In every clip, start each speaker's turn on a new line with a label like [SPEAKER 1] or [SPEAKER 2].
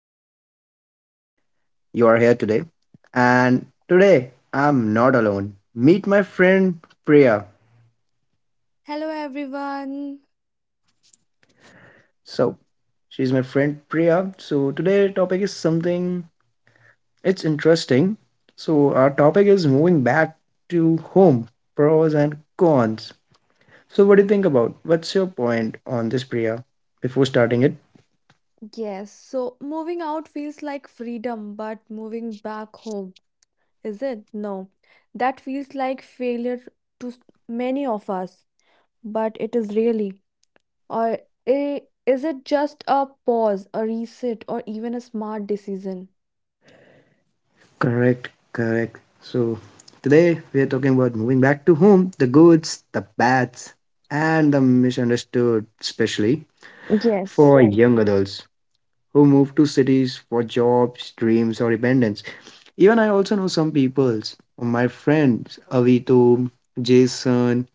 [SPEAKER 1] really happy you are here today. And today, I'm not alone. Meet my friend Priya.
[SPEAKER 2] Hello everyone.
[SPEAKER 1] So, she's my friend Priya. So, today topic is something it's interesting. So, our topic is moving back to home, pros and cons. So, what do you think about? What's your point on this, Priya, before starting it?
[SPEAKER 2] Yes, so moving out feels like freedom, but moving back home, is it? No. That feels like failure to many of us, but it is really. Or i- is it just a pause, a reset, or even a smart decision?
[SPEAKER 1] Correct, correct. So today we are talking about moving back to home, the goods, the bads, and the misunderstood, especially
[SPEAKER 3] Yes.
[SPEAKER 1] for young adults who move to cities for jobs, dreams, or dependence. Even I also know some peoples, my friends, Avito, Jason,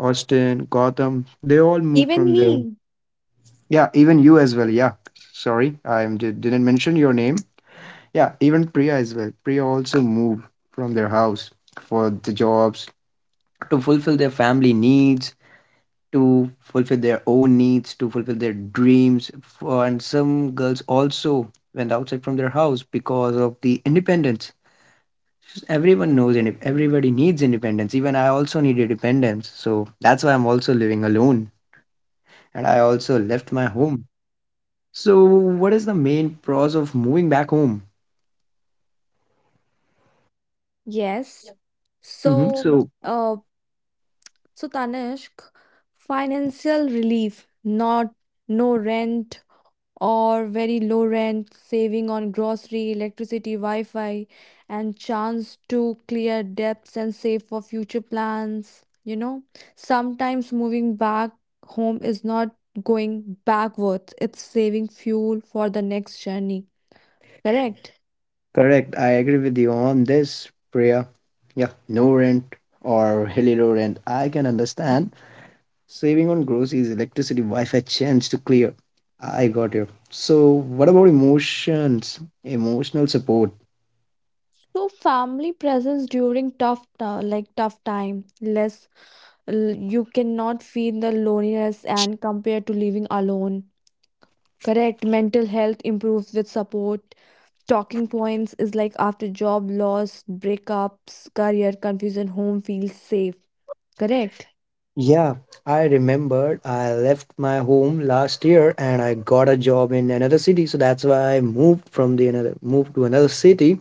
[SPEAKER 1] Austin, Gotham, they all moved
[SPEAKER 3] Even
[SPEAKER 1] from there.
[SPEAKER 3] me.
[SPEAKER 1] Yeah, even you as well. Yeah, sorry, didn't mention your name. Yeah, even Priya as well. Priya also moved from their house for the jobs to fulfill their family needs, to fulfill their own needs, to fulfill their dreams. And some girls also went outside from their house because of the independence. Everyone knows and everybody needs independence. Even I also need independence. So that's why I'm also living alone. And I also left my home. So, what is the main pros of moving back home?
[SPEAKER 3] Yes. So,
[SPEAKER 1] So,
[SPEAKER 3] uh, so Tanishk, financial relief, not no rent or very low rent, saving on grocery, electricity, Wi-Fi, and chance to clear debts and save for future plans. You know, sometimes moving back home is not going backwards, it's saving fuel for the next journey. Correct?
[SPEAKER 1] correct. I agree with you on this, Priya. Yeah, no rent or hilly road rent. I can understand. Saving on groceries, electricity, Wi-Fi change to clear. I got you. So, what about emotions? Emotional support.
[SPEAKER 3] So family presence during tough ti- like tough time, you cannot feel the loneliness and compared to living alone. Correct. Mental health improves with support. Talking points is like after job loss, breakups, career confusion, home feels safe. Correct.
[SPEAKER 1] Yeah, I remembered I left my home last year and I got a job in another city. So that's why I moved to another city.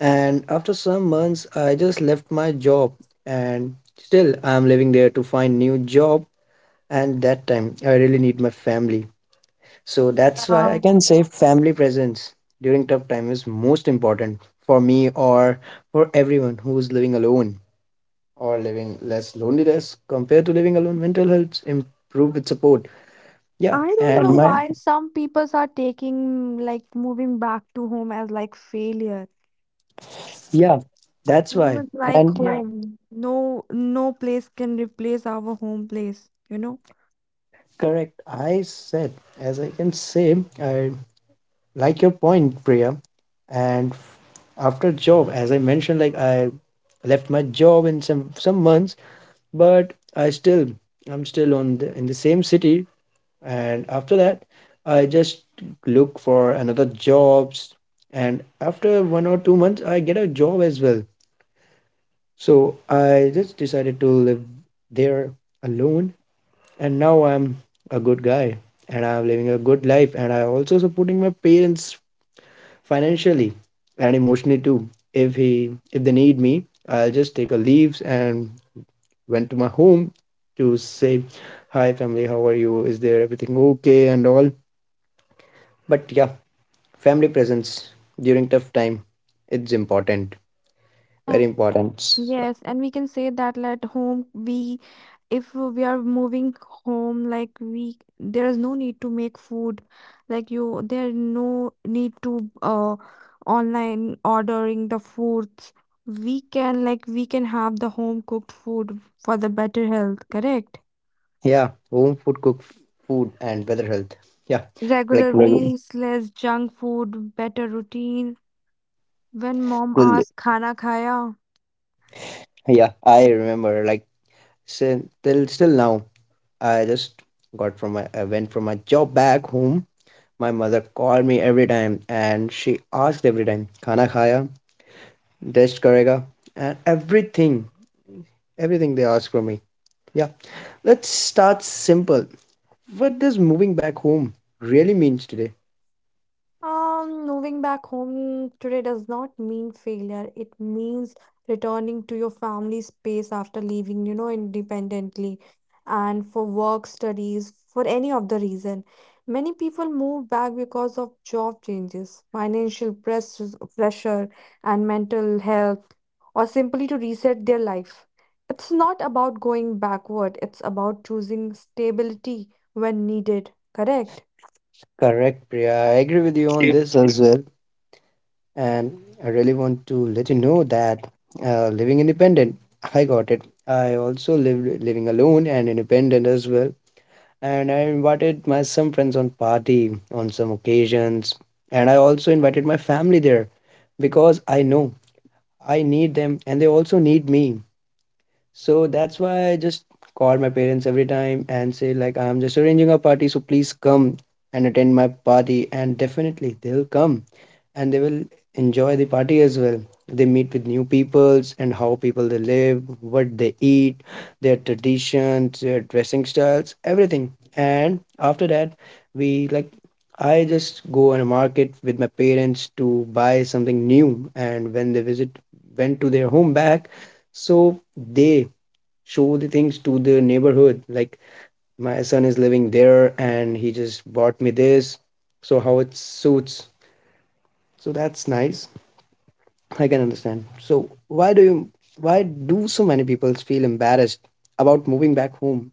[SPEAKER 1] And after some months, I just left my job and still I'm living there to find new job. And that time, I really need my family. So that's why
[SPEAKER 3] Yeah.
[SPEAKER 1] I can say family presence during tough time is most important for me or for everyone who is living alone or living less loneliness compared to living alone. Mental health improve with support. Yeah.
[SPEAKER 3] I don't know why some people are taking like moving back to home as like failure.
[SPEAKER 1] Yeah, that's
[SPEAKER 3] Home
[SPEAKER 1] why.
[SPEAKER 3] is like
[SPEAKER 1] And yeah,
[SPEAKER 3] home. No, no place can replace our home place, you know?
[SPEAKER 1] correct. I said, as I can say, I like your point, Priya, and after job, as I mentioned, like, I left my job in some months, but I'm still in the same city, and after that I just look for another jobs, and after 1 or 2 months I get a job as well. So I just decided to live there alone, and now I'm a good guy and I'm living a good life, and I also supporting my parents financially and emotionally too. If they need me, I'll just take a leaves and went to my home to say, "Hi, family, how are you? Is there everything okay?" and all. But yeah, family presence during tough time, it's important,
[SPEAKER 3] Yeah.
[SPEAKER 1] very important. So,
[SPEAKER 3] Yes, and we can say that at home, we if we are moving home, like we there is no need to make food, like you there no need to online ordering the foods. We can have the home cooked food for the better health. Correct.
[SPEAKER 1] yeah, home food, cook food, and weather health. Yeah, like,
[SPEAKER 3] Regular meals, less junk food, better routine. When mom
[SPEAKER 1] l-
[SPEAKER 3] asks, khana khaya?
[SPEAKER 1] yeah, I remember, like, till still now. I just I went from my job back home. My mother called me every time and she asked every time, Khana khaya, rest karega, and everything, everything they asked from me. Yeah, let's start simple. What does moving back home really means today?
[SPEAKER 3] Moving back home today does not mean failure. It means returning to your family space after leaving, you know, independently and for work, studies, for any of the reason. Many people move back because of job changes, financial pressures, pressure, and mental health, or simply to reset their life. It's not about going backward, it's about choosing stability when needed, correct?
[SPEAKER 1] Correct, Priya. I agree with you on this as well. And I really want to let you know that living independent, I got it. I also lived living alone and independent as well. And I invited my some friends on party on some occasions, and I also invited my family there because I know I need them and they also need me. So that's why I just call my parents every time and say, like, I'm just arranging a party, so please come and attend my party. And definitely they'll come and they will enjoy the party as well. They meet with new peoples and how people they live, what they eat, their traditions, their dressing styles, everything. And after that, we like, I just go on a market with my parents to buy something new. And when they visit went to their home back, so they show the things to the neighborhood, like, my son is living there and he just bought me this, so how it suits. So that's nice. I can understand. So why do so many people feel embarrassed about moving back home?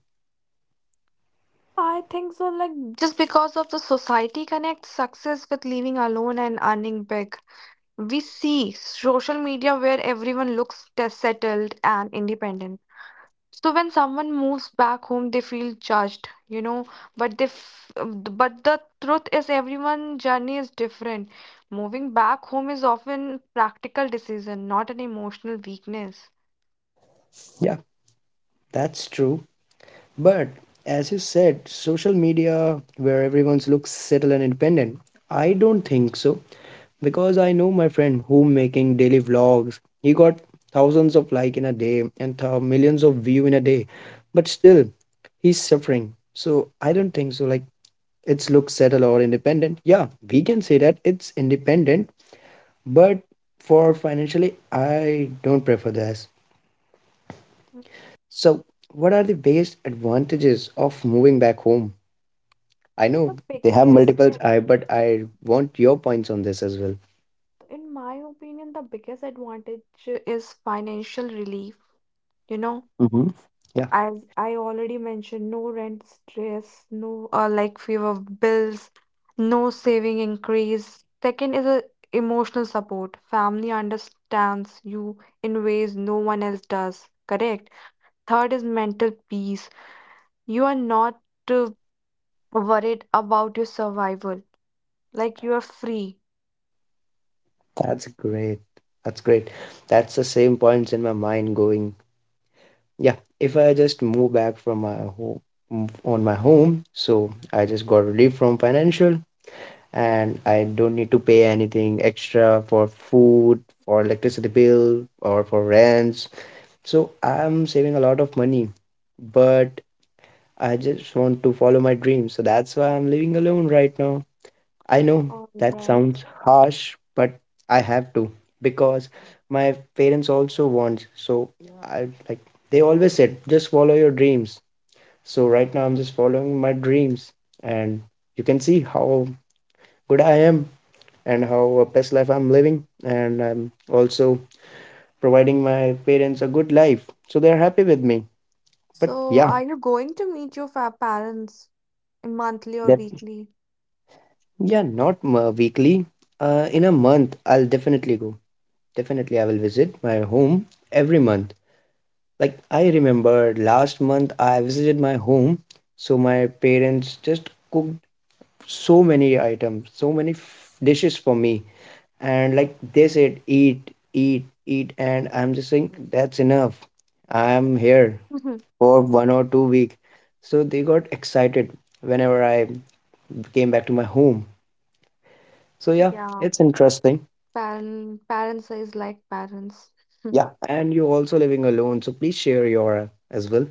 [SPEAKER 3] I think so. Like, just because of the society connects success with living alone and earning big. We see social media where everyone looks settled and independent. So when someone moves back home, they feel judged, you know. But but the truth is, everyone's journey is different. Moving back home is often practical decision, not an emotional weakness.
[SPEAKER 1] Yeah, that's true. But as you said, social media where everyone looks settled and independent, I don't think so because I know my friend who making daily vlogs. He got thousands of like in a day and millions of view in a day, but still he's suffering. So I don't think so, like, it's looks settled or independent. Yeah, we can say that it's independent, but for financially, I don't prefer this.
[SPEAKER 3] Mm,
[SPEAKER 1] So what are the biggest advantages of moving back home? I
[SPEAKER 3] So the
[SPEAKER 1] know they have
[SPEAKER 3] biggest,
[SPEAKER 1] multiples, I but I want your points on this as well.
[SPEAKER 3] in my opinion, the biggest advantage is financial relief. You know,
[SPEAKER 1] Mm-hmm.
[SPEAKER 3] as I already mentioned, no rent stress, no like fear of bills, no saving increase. Second is a emotional support. Family understands you in ways no one else does. Correct. Third is mental peace. You are not uh, worried about your survival. Like you are free.
[SPEAKER 1] That's great. That's great. That's the same points in my mind going. Yeah, if I just move back from my home on my home, so I just got relief from financial and I don't need to pay anything extra for food, for electricity bill, or for rents. So I'm saving a lot of money, but I just want to follow my dreams. So that's why I'm living alone right now. I know
[SPEAKER 3] All
[SPEAKER 1] that
[SPEAKER 3] right.
[SPEAKER 1] sounds harsh, but I have to because my parents also want. So I, like, they always said, just follow your dreams. So right now I'm just following my dreams, and you can see how good I am and how a best life I'm living, and I'm also providing my parents a good life. So they're happy with me. But
[SPEAKER 3] So,
[SPEAKER 1] yeah,
[SPEAKER 3] are you going to meet your fa parents in monthly or
[SPEAKER 1] that
[SPEAKER 3] weekly?
[SPEAKER 1] yeah, not weekly. In a month, I'll definitely go. Definitely, I will visit my home every month. Like, I remember last month I visited my home, so my parents just cooked so many items, so many dishes for me, and, like, they said, eat, eat, eat, and I'm just saying that's enough. I'm here for 1 or 2 week, so they got excited whenever I came back to my home. So yeah,
[SPEAKER 3] Yeah,
[SPEAKER 1] it's interesting.
[SPEAKER 3] parents is like parents.
[SPEAKER 1] Yeah, and you're also living alone, so please share your as well.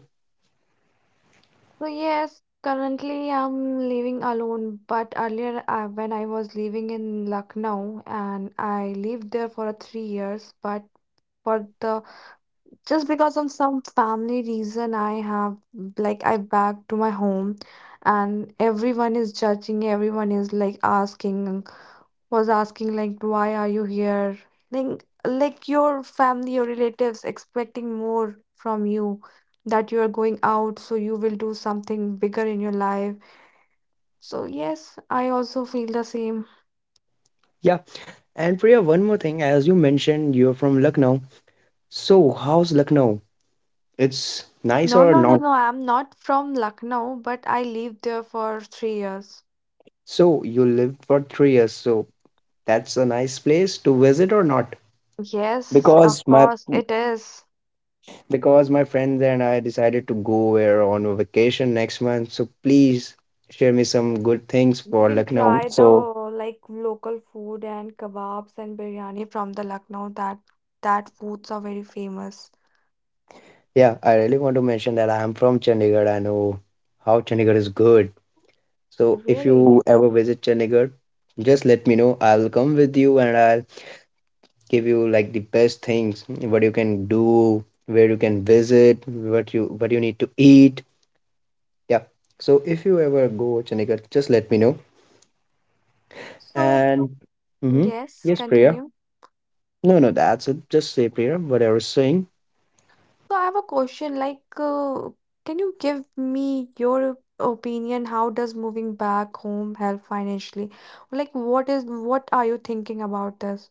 [SPEAKER 3] So yes, currently I'm living alone, but earlier when I was living in Lucknow, and I lived there for 3 years, but for the just because of some family reason, I have like I back to my home, and everyone is judging, everyone is asking like, why are you here? like like your family or relatives expecting more from you, that you are going out so you will do something bigger in your life. So yes, I also feel the same.
[SPEAKER 1] Yeah. And Priya, one more thing. As you mentioned, you're from Lucknow. So, how's Lucknow? It's nice
[SPEAKER 3] No,
[SPEAKER 1] or
[SPEAKER 3] no, no,
[SPEAKER 1] not?
[SPEAKER 3] no, I'm not from Lucknow, but I lived there for 3 years.
[SPEAKER 1] So, you lived for 3 years. So, that's a nice place to visit or not?
[SPEAKER 3] Yes, of
[SPEAKER 1] Because my
[SPEAKER 3] course it is.
[SPEAKER 1] because my friends and I decided to go where on a vacation next month. So, please share me some good things
[SPEAKER 3] You
[SPEAKER 1] for
[SPEAKER 3] can
[SPEAKER 1] Lucknow.
[SPEAKER 3] try the
[SPEAKER 1] So,
[SPEAKER 3] like local food and kebabs and biryani from the Lucknow. That foods are very famous,
[SPEAKER 1] yeah, I really want to mention that I am from Chandigarh. I know how Chandigarh is good. So if
[SPEAKER 3] really.
[SPEAKER 1] you ever visit Chandigarh, just let me know. I'll come with you and I'll give you, like, the best things what you can do, where you can visit, what you need to eat. Yeah. So if you ever go Chandigarh, just let me know.
[SPEAKER 3] So,
[SPEAKER 1] And mm-hmm.
[SPEAKER 3] yes,
[SPEAKER 1] Yes, Priya.
[SPEAKER 3] continue.
[SPEAKER 1] No, no, that's it. Just say, Priya, whatever is saying.
[SPEAKER 3] So, I have a question like, can you give me your opinion? How does moving back home help financially? Like, what is what are you thinking about this?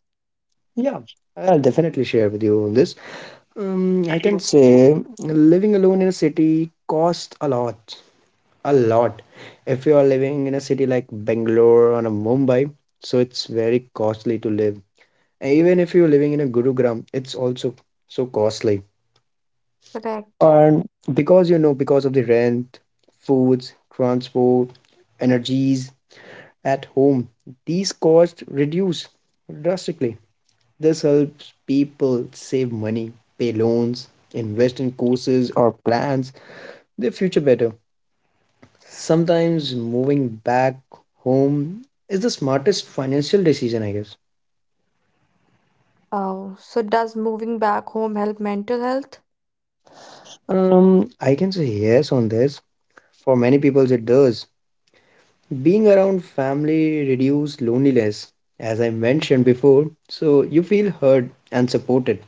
[SPEAKER 1] Yeah. I'll definitely share with you on this. I can say living alone in a city costs a lot. A lot. If you are living in a city like Bangalore or a Mumbai, so it's very costly to live. And even if you're living in a Gurugram, it's also so costly.
[SPEAKER 3] Correct.
[SPEAKER 1] And because of the rent, foods, transport, energies at home, these costs reduce drastically. This helps people save money, pay loans, invest in courses or plans, their future better. Sometimes moving back home is the smartest financial decision, I guess.
[SPEAKER 3] Oh, so does moving back home help mental health?
[SPEAKER 1] I can say yes on this. For many people, it does. Being around family reduces loneliness, as I mentioned before, so you feel heard and supported.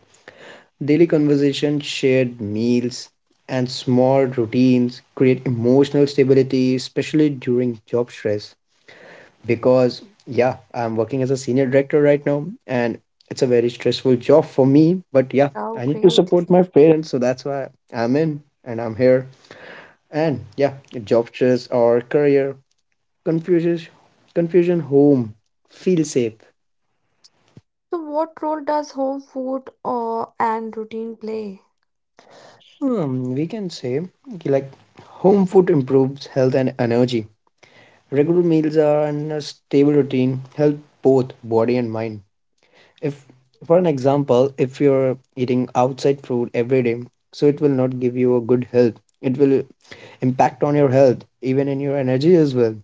[SPEAKER 1] Daily conversations, shared meals, and small routines create emotional stability, especially during job stress. Because yeah, I'm working as a senior director right now and it's a very stressful job for me, but yeah,
[SPEAKER 3] Oh,
[SPEAKER 1] I need to
[SPEAKER 3] great.
[SPEAKER 1] support my parents, so that's why I'm here. And yeah, job stress or career confusion confusion home feel safe.
[SPEAKER 3] So, what role does home food or and routine play?
[SPEAKER 1] We can say कि, like, home food improves health and energy. Regular meals are and a stable routine help both body and mind. If for an example if you're eating outside food every day, so it will not give you a good health, it will impact on your health, even in your energy as well,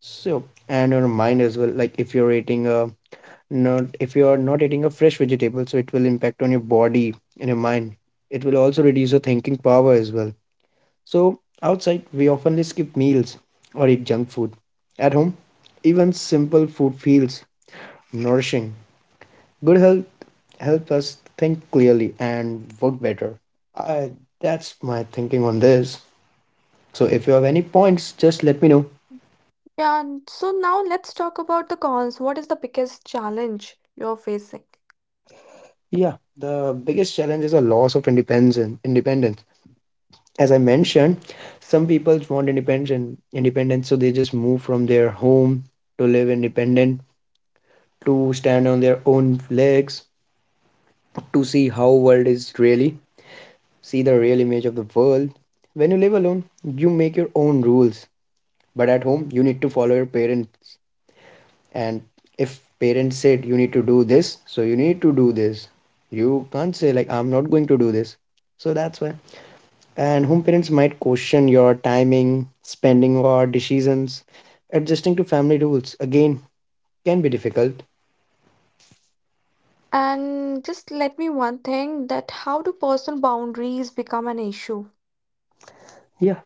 [SPEAKER 1] so and your mind as well. Like, if you're eating a not if you are not eating a fresh vegetable, so it will impact on your body and your mind, it will also reduce your thinking power as well. So outside we often skip meals or eat junk food, at home even simple food feels nourishing, good health help us think clearly and work better. I, that's my thinking on this. So if you have any points, just let me know.
[SPEAKER 3] Yeah, and so now let's talk about the cons. What is the biggest challenge you're facing?
[SPEAKER 1] Yeah, the biggest challenge is a loss of independence. Independence, as I mentioned, some people want independence, so they just move from their home to live independent, to stand on their own legs, to see how world is really, see the real image of the world. When you live alone, you make your own rules, but at home, you need to follow your parent. And if parents said you need to do this, so you need to do this. You can't say like I'm not going to do this. So that's why. And home, parents might question your timing, spending, or decisions. Adjusting to family rules again can be difficult.
[SPEAKER 3] And just let me one thing, that how do personal boundaries become an issue?
[SPEAKER 1] Yeah,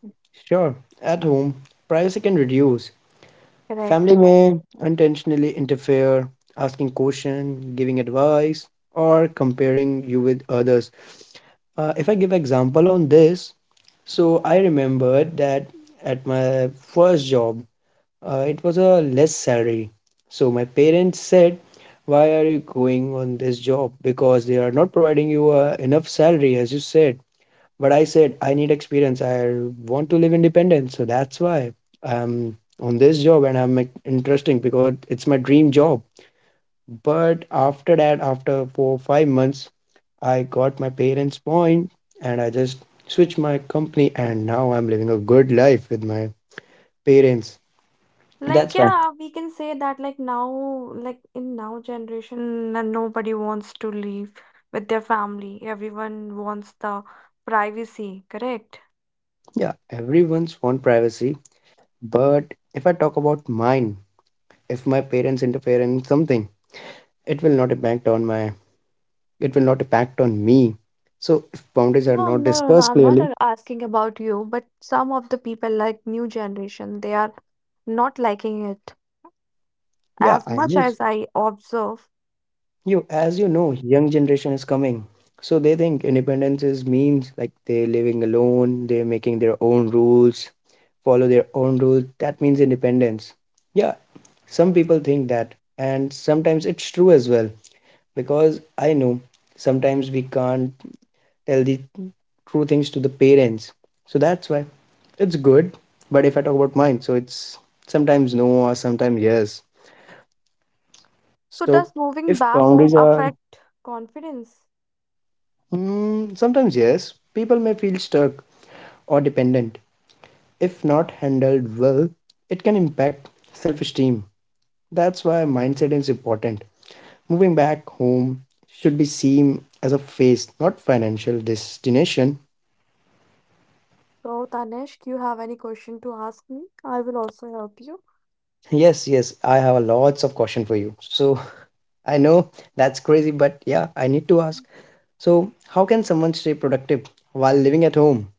[SPEAKER 1] sure. At home, privacy can reduce. Family
[SPEAKER 3] Correct.
[SPEAKER 1] may intentionally interfere, asking question, giving advice, or comparing you with others. If I give example on this. So I remembered that at my first job, it was a less salary. So my parents said, "Why are you going on this job? Because they are not providing you enough salary, as you said." But I said, "I need experience. I want to live independent. So that's why I'm on this job, and I'm like, interesting because it's my dream job." But after that, after 4 or 5 months, I got my parents' point and I just switched my company and now I'm living a good life with my parents.
[SPEAKER 3] Like
[SPEAKER 1] That's why,
[SPEAKER 3] yeah, we can say that like now, like in now generation, nobody wants to live with their family. Everyone wants the privacy, correct?
[SPEAKER 1] yeah, everyone's want privacy. But if I talk about mine, if my parents interfere in something, it will not impact on my, it will not impact on me. So if boundaries are
[SPEAKER 3] No,
[SPEAKER 1] not
[SPEAKER 3] no, no, no,
[SPEAKER 1] discussed
[SPEAKER 3] I'm not
[SPEAKER 1] clearly,
[SPEAKER 3] asking about you, but some of the people like new generation, they are not liking it
[SPEAKER 1] yeah,
[SPEAKER 3] as
[SPEAKER 1] I
[SPEAKER 3] much
[SPEAKER 1] know.
[SPEAKER 3] as I observe.
[SPEAKER 1] You, as you know, young generation is coming. So they think independence is means like they're living alone, they're making their own rules, follow their own rules. That means independence. Yeah, some people think that. And sometimes it's true as well. Because I know sometimes we can't tell the true things to the parents. So that's why it's good. But if I talk about mine, so it's sometimes no or sometimes yes.
[SPEAKER 3] So
[SPEAKER 1] So
[SPEAKER 3] does moving
[SPEAKER 1] if
[SPEAKER 3] back home
[SPEAKER 1] boundaries are
[SPEAKER 3] affect confidence?
[SPEAKER 1] Mm, Sometimes, yes, people may feel stuck or dependent. If not handled well, it can impact self esteem. That's why mindset is important. Moving back home should be seen as a phase, not financial destination.
[SPEAKER 3] So, Tanishq, you have any question to ask me? I will also help you.
[SPEAKER 1] Yes, yes, I have a lots of question for you. So I know that's crazy, but yeah, I need to ask. So how can someone stay productive while living at home?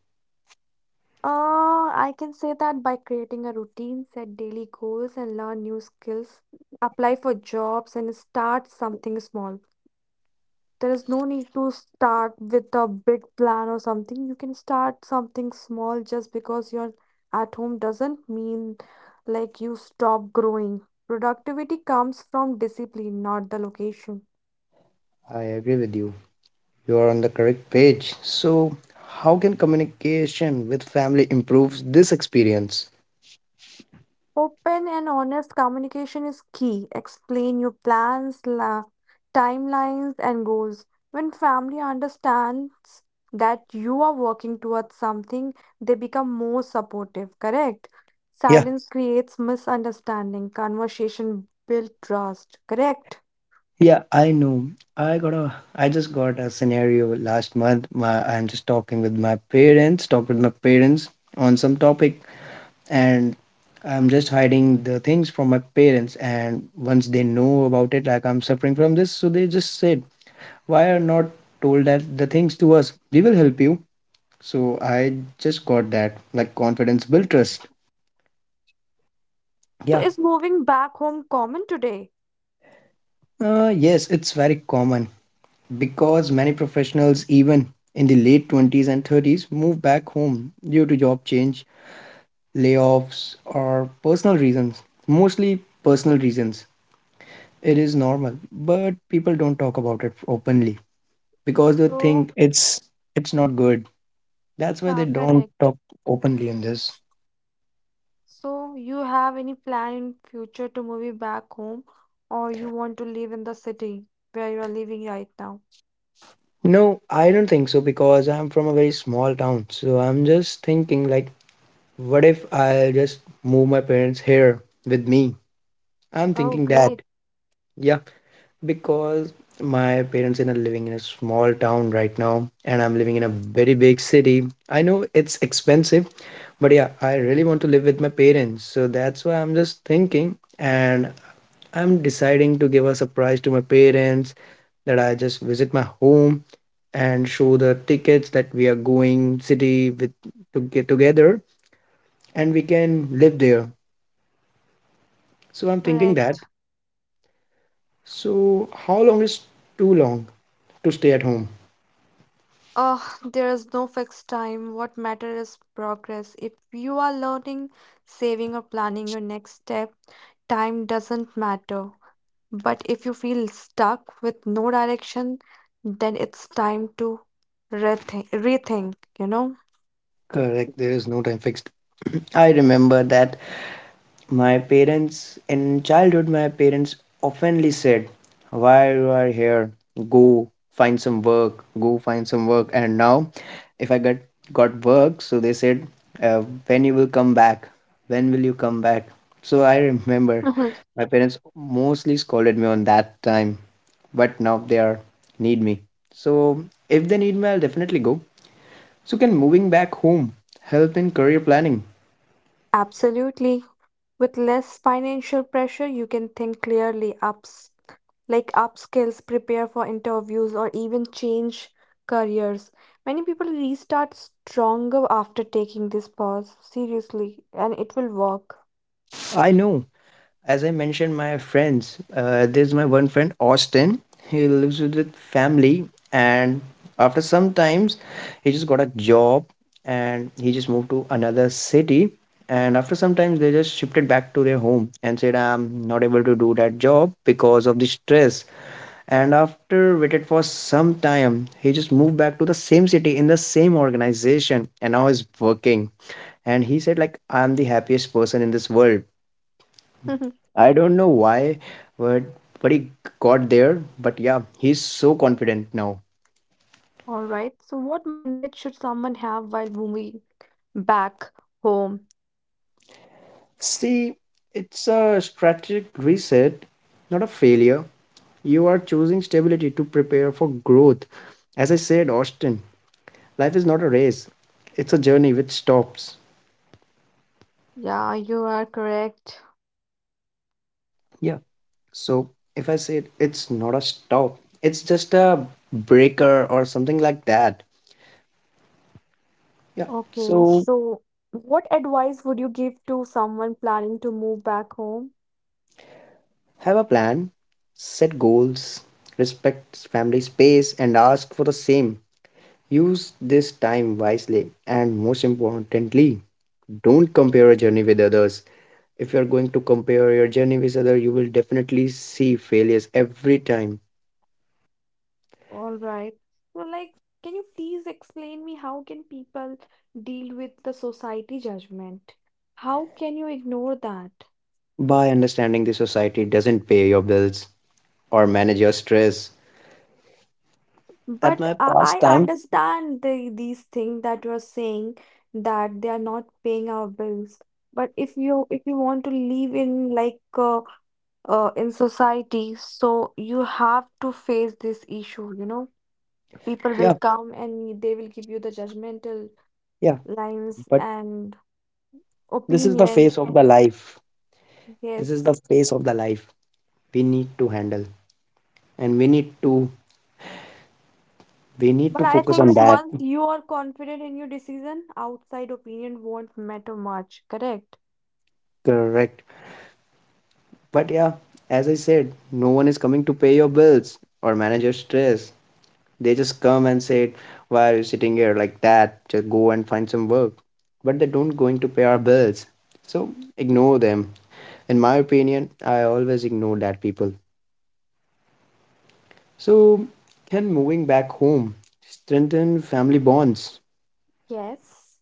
[SPEAKER 3] I can say that by creating a routine, set daily goals, and learn new skills, apply for jobs, and start something small. There is no need to start with a big plan or something. You can start something small. Just because you're at home doesn't mean like you stop growing. Productivity comes from discipline, not the location.
[SPEAKER 1] I agree with you. You are on the correct page. So, how can communication with family improve this experience?
[SPEAKER 3] Open and honest communication is key. Explain your plans, timelines, and goals. When family understands that you are working towards something, they become more supportive, correct?
[SPEAKER 1] Yeah.
[SPEAKER 3] Silence creates misunderstanding. Conversation builds trust, correct?
[SPEAKER 1] Yeah, I know. I just got a scenario last month. My I'm just talking with my parents on some topic and I'm just hiding the things from my parents and once they know about it like I'm suffering from this, so they just said, "Why are not told that the things to us? We will help you." So I just got that like confidence built trust.
[SPEAKER 3] So,
[SPEAKER 1] Yeah,
[SPEAKER 3] is moving back home common today?
[SPEAKER 1] yes, it's very common because many professionals, even in the late 20s and 30s, move back home due to job change, layoffs, or personal reasons. Mostly personal reasons. It is normal, but people don't talk about it openly because they
[SPEAKER 3] So,
[SPEAKER 1] think it's not good. That's why they
[SPEAKER 3] yeah,
[SPEAKER 1] don't
[SPEAKER 3] correct.
[SPEAKER 1] talk openly on this.
[SPEAKER 3] So you have any plan in future to move back home, or you want to live in the city where you are living right now?
[SPEAKER 1] No, I don't think so because I'm from a very small town. So I'm just thinking like, what if I just move my parents here with me? I'm
[SPEAKER 3] Oh,
[SPEAKER 1] thinking
[SPEAKER 3] great.
[SPEAKER 1] that. Yeah, because my parents are living in a small town right now and I'm living in a very big city. I know it's expensive, but yeah, I really want to live with my parents. So that's why I'm just thinking and I'm deciding to give a surprise to my parents that I just visit my home and show the tickets that we are going city with to get together and we can live there. So I'm thinking
[SPEAKER 3] Correct.
[SPEAKER 1] that. So how long is too long to stay at home?
[SPEAKER 3] Uh, there is no fixed time. What matters is progress. If you are learning, saving or planning your next step, time doesn't matter. But if you feel stuck with no direction, then it's time to rethink, you know?
[SPEAKER 1] Correct, there is no time fixed. I remember that my parents, in childhood, my parents oftenly said, "Why you are here? Go find some work, go find some work." And now, if I got work, so they said, uh, "When you will come back? When will you come back?" So I remember
[SPEAKER 3] Mhm.
[SPEAKER 1] my parents mostly scolded me on that time. But now they are need me. So if they need me, I'll definitely go. So can moving back home help in career planning?
[SPEAKER 3] Absolutely. With less financial pressure, you can think clearly, upskills, prepare for interviews, or even change careers. Many people restart stronger after taking this pause. Seriously, and it will work.
[SPEAKER 1] I know. As I mentioned, my friends. There's my one friend Austin. He lives with family, and after some times, he just got a job, and he just moved to another city. And after some times, they just shifted back to their home and said, "I'm not able to do that job because of the stress." And after waited for some time, he just moved back to the same city in the same organization and now is working and he said like, "I'm the happiest person in this world. I don't know why, but but he got there." But yeah, he's so confident now.
[SPEAKER 3] All right. So, what mindset should someone have while moving back home?
[SPEAKER 1] See, it's a strategic reset, not a failure. You are choosing stability to prepare for growth. As I said, Austin, life is not a race, it's a journey which stops.
[SPEAKER 3] Yeah, you are correct.
[SPEAKER 1] Yeah. So if I said it's not a stop, it's just a breaker or something like that. Yeah.
[SPEAKER 3] Okay.
[SPEAKER 1] So
[SPEAKER 3] So, what advice would you give to someone planning to move back home?
[SPEAKER 1] have a plan, set goals, respect family space, and ask for the same. Use this time wisely. And most importantly, don't compare your journey with others. If you're going to compare your journey with others, you will definitely see failures every time.
[SPEAKER 3] All right. So, like, can you please explain me how can people deal with the society judgment? How can you ignore that?
[SPEAKER 1] By understanding the society doesn't pay your bills or manage your stress at
[SPEAKER 3] But
[SPEAKER 1] my past
[SPEAKER 3] I
[SPEAKER 1] time.
[SPEAKER 3] understand the, these things that you're saying, that they are not paying our bills. But if you want to live in like in society, so you have to face this issue, you know. People will
[SPEAKER 1] Yeah,
[SPEAKER 3] come and they will give you the judgmental
[SPEAKER 1] yeah.
[SPEAKER 3] lines
[SPEAKER 1] But
[SPEAKER 3] and
[SPEAKER 1] this is the
[SPEAKER 3] opinion.
[SPEAKER 1] phase of the life. This is the
[SPEAKER 3] Yes.
[SPEAKER 1] phase of the life we need to handle, and we need
[SPEAKER 3] But
[SPEAKER 1] to
[SPEAKER 3] I
[SPEAKER 1] focus
[SPEAKER 3] think
[SPEAKER 1] on that.
[SPEAKER 3] once you are confident in your decision, outside opinion won't matter much, correct?
[SPEAKER 1] Correct. But yeah, as I said, no one is coming to pay your bills or manage your stress. They just come and say, "Why are you sitting here like that? Just go and find some work." But they don't going to pay our bills, so ignore them. In my opinion, I always ignore that people. So, can moving back home strengthen family bonds?
[SPEAKER 3] Yes.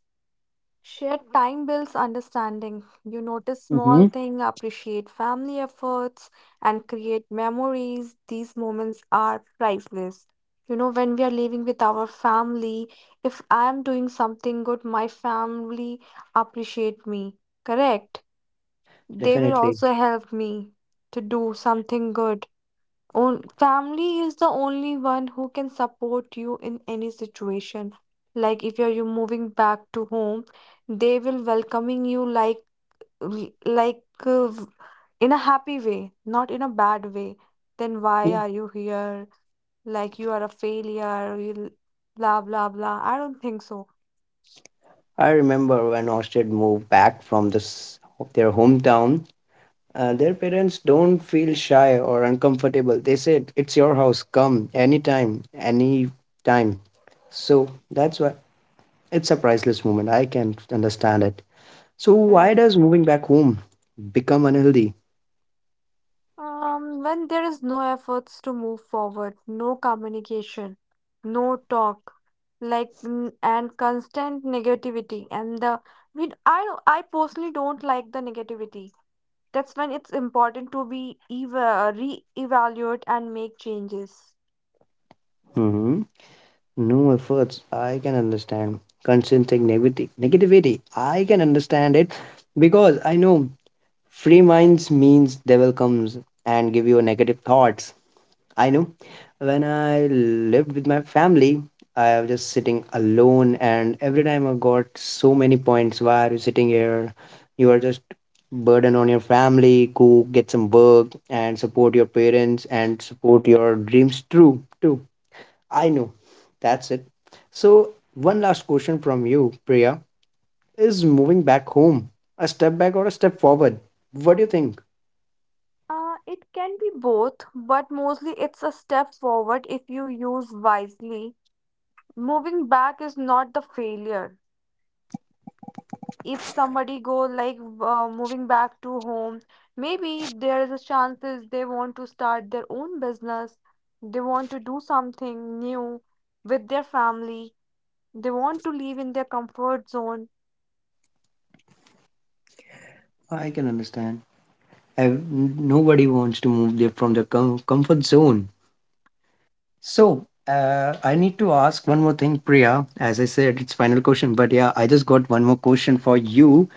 [SPEAKER 3] Shared time builds understanding. You notice small
[SPEAKER 1] Mm-hmm.
[SPEAKER 3] things, appreciate family efforts, and create memories. These moments are priceless. You know, when we are living with our family, if I am doing something good, my family appreciate me. Correct? They will
[SPEAKER 1] Definitely.
[SPEAKER 3] also help me to do something good. On family is the only one who can support you in any situation. Like if you're you moving back to home, they will welcoming you like like uh, in a happy way, not in a bad way. Then
[SPEAKER 1] Yeah.
[SPEAKER 3] why are you here? Like you are a failure. You blah blah blah. I don't think so.
[SPEAKER 1] I remember when Ostrid moved back from this their hometown, their parents don't feel shy or uncomfortable. They said, "It's your house. Come anytime, any time." So that's why it's a priceless moment. I can understand it. So why
[SPEAKER 3] Correct.
[SPEAKER 1] does moving back home become unhealthy?
[SPEAKER 3] When there is no efforts to move forward, no communication, no talk, and constant negativity, and the I mean, I personally don't like the negativity. That's when it's important to be eva re-evaluate and make changes.
[SPEAKER 1] No efforts. I can understand. Consistent negativity. Negativity. I can understand it because I know free minds means devil comes and give you negative thoughts. I know. When I lived with my family, I was just sitting alone, and every time I got so many points. Why are you sitting here? You are just burden on your family. Go get some work and support your parents and support your dreams. True, too. I know. That's it. So, one last question from you, Priya. Is moving back home a step back or a step forward? What do you think?
[SPEAKER 3] It can be both, but mostly it's a step forward if you use wisely. Moving back is not the failure. If somebody go like moving back to home, maybe there is a chances they want to start their own business, they want to do something new with their family, they want to live in their comfort zone.
[SPEAKER 1] I can understand. Nobody wants to move there from their comfort zone. So, I need to ask one more thing, Priya. As I said, it's final question, but yeah, I just got one more question for you.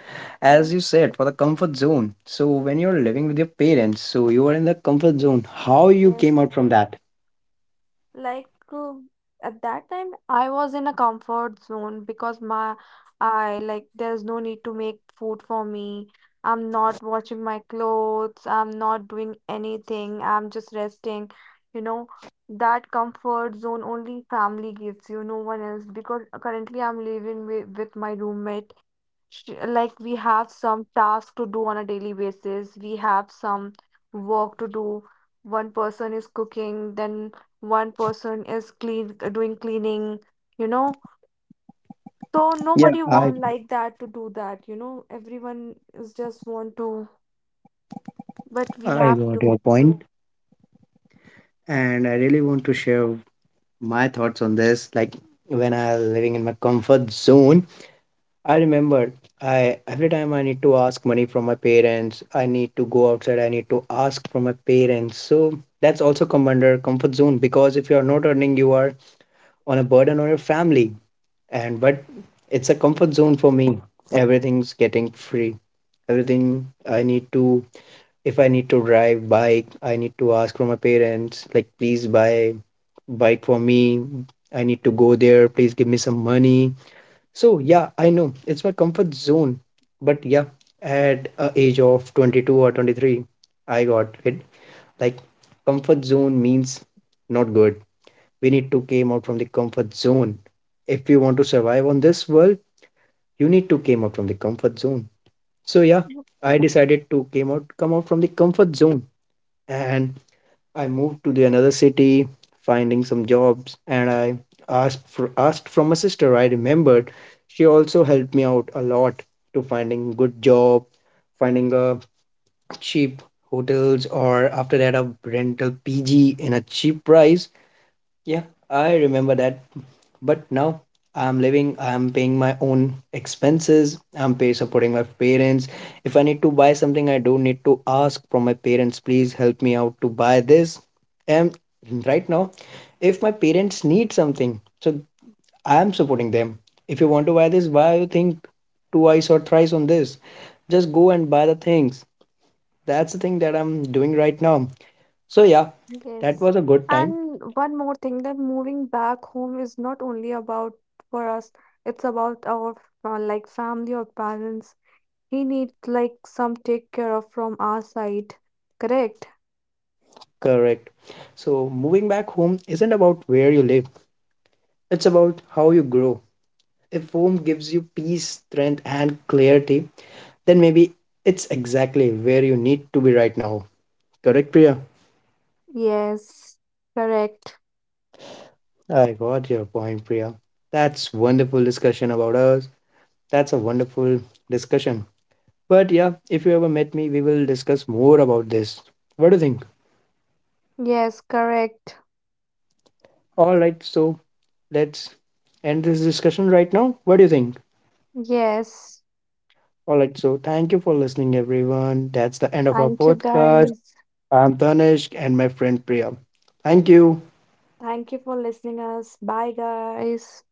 [SPEAKER 3] Mhm.
[SPEAKER 1] As you said, for the comfort zone. So, when you're living with your parents, so you are in the comfort zone. How you came
[SPEAKER 3] Yes.
[SPEAKER 1] out from that?
[SPEAKER 3] Like at that time, I was in a comfort zone because my I like there's no need to make food for me. I'm not washing my clothes. I'm not doing anything. I'm just resting. You know, that comfort zone only family gives you, no one else. Because currently I'm living with my roommate, we have some tasks to do on a daily basis, we have some work to do. One person is cooking, then one person is clean doing cleaning, you know. So
[SPEAKER 1] Yeah,
[SPEAKER 3] nobody
[SPEAKER 1] I
[SPEAKER 3] want like that to do that, you know. Everyone is just want to, but we
[SPEAKER 1] I
[SPEAKER 3] have
[SPEAKER 1] got your
[SPEAKER 3] to.
[SPEAKER 1] point, and I really want to share my thoughts on this. Like when I was living in my comfort zone, I remember I every time I need to ask money from my parents, I need to go outside, I need to ask from my parents. So that's also come under comfort zone because if you are not earning, you are on a burden on your family. And but it's a comfort zone for me. Everything's getting free. Everything I need to if I need to drive bike, I need to ask from my parents, like, please buy bike for me. I need to go there. Please give me some money. So yeah, I know it's my comfort zone. But yeah, at a age of 22 or 23, I got hit. Like comfort zone means not good. We need to came out from the comfort zone. If you want to survive on this world, you need to came out from the comfort zone. So yeah, I decided to came out come out from the comfort zone and I moved to the another city, finding some jobs, and I asked from a sister. I remembered she also helped me out a lot to finding good job, finding a cheap hotels, or after that a rental PG in a cheap price. Yeah, I remember that. But now I'm living, I'm paying my own expenses, I'm pay supporting my parents. If I need to buy something, I don't need to ask from my parents, please help me out to buy this. And right now, if my parents need something, so I'm supporting them. If you want to buy this, why you think twice or thrice on this? Just go and buy the things. That's the thing that I'm doing right now. So yeah, that
[SPEAKER 3] Yes.
[SPEAKER 1] was a good time.
[SPEAKER 3] And one more thing, that moving back home is not only about for us, it's about our like family or parents. He needs like some take care of from our side. Correct?
[SPEAKER 1] Correct. So, moving back home isn't about where you live, it's about how you grow. If home gives you peace, strength, and clarity, then maybe it's exactly where you need to be right now. Correct, Priya?
[SPEAKER 3] Yes. Correct.
[SPEAKER 1] I got your point, Priya. That's wonderful discussion about us. That's a wonderful discussion. But yeah, if you ever met me, we will discuss more about this. What do you think?
[SPEAKER 3] Yes, correct.
[SPEAKER 1] All right, so let's end this discussion right now. What do you think?
[SPEAKER 3] Yes.
[SPEAKER 1] All right, so thank you for listening, everyone. That's the end of our
[SPEAKER 3] Thank you
[SPEAKER 1] podcast.
[SPEAKER 3] guys.
[SPEAKER 1] I'm Tanishk and my friend Priya. Thank you.
[SPEAKER 3] Thank you for listening us. Bye guys.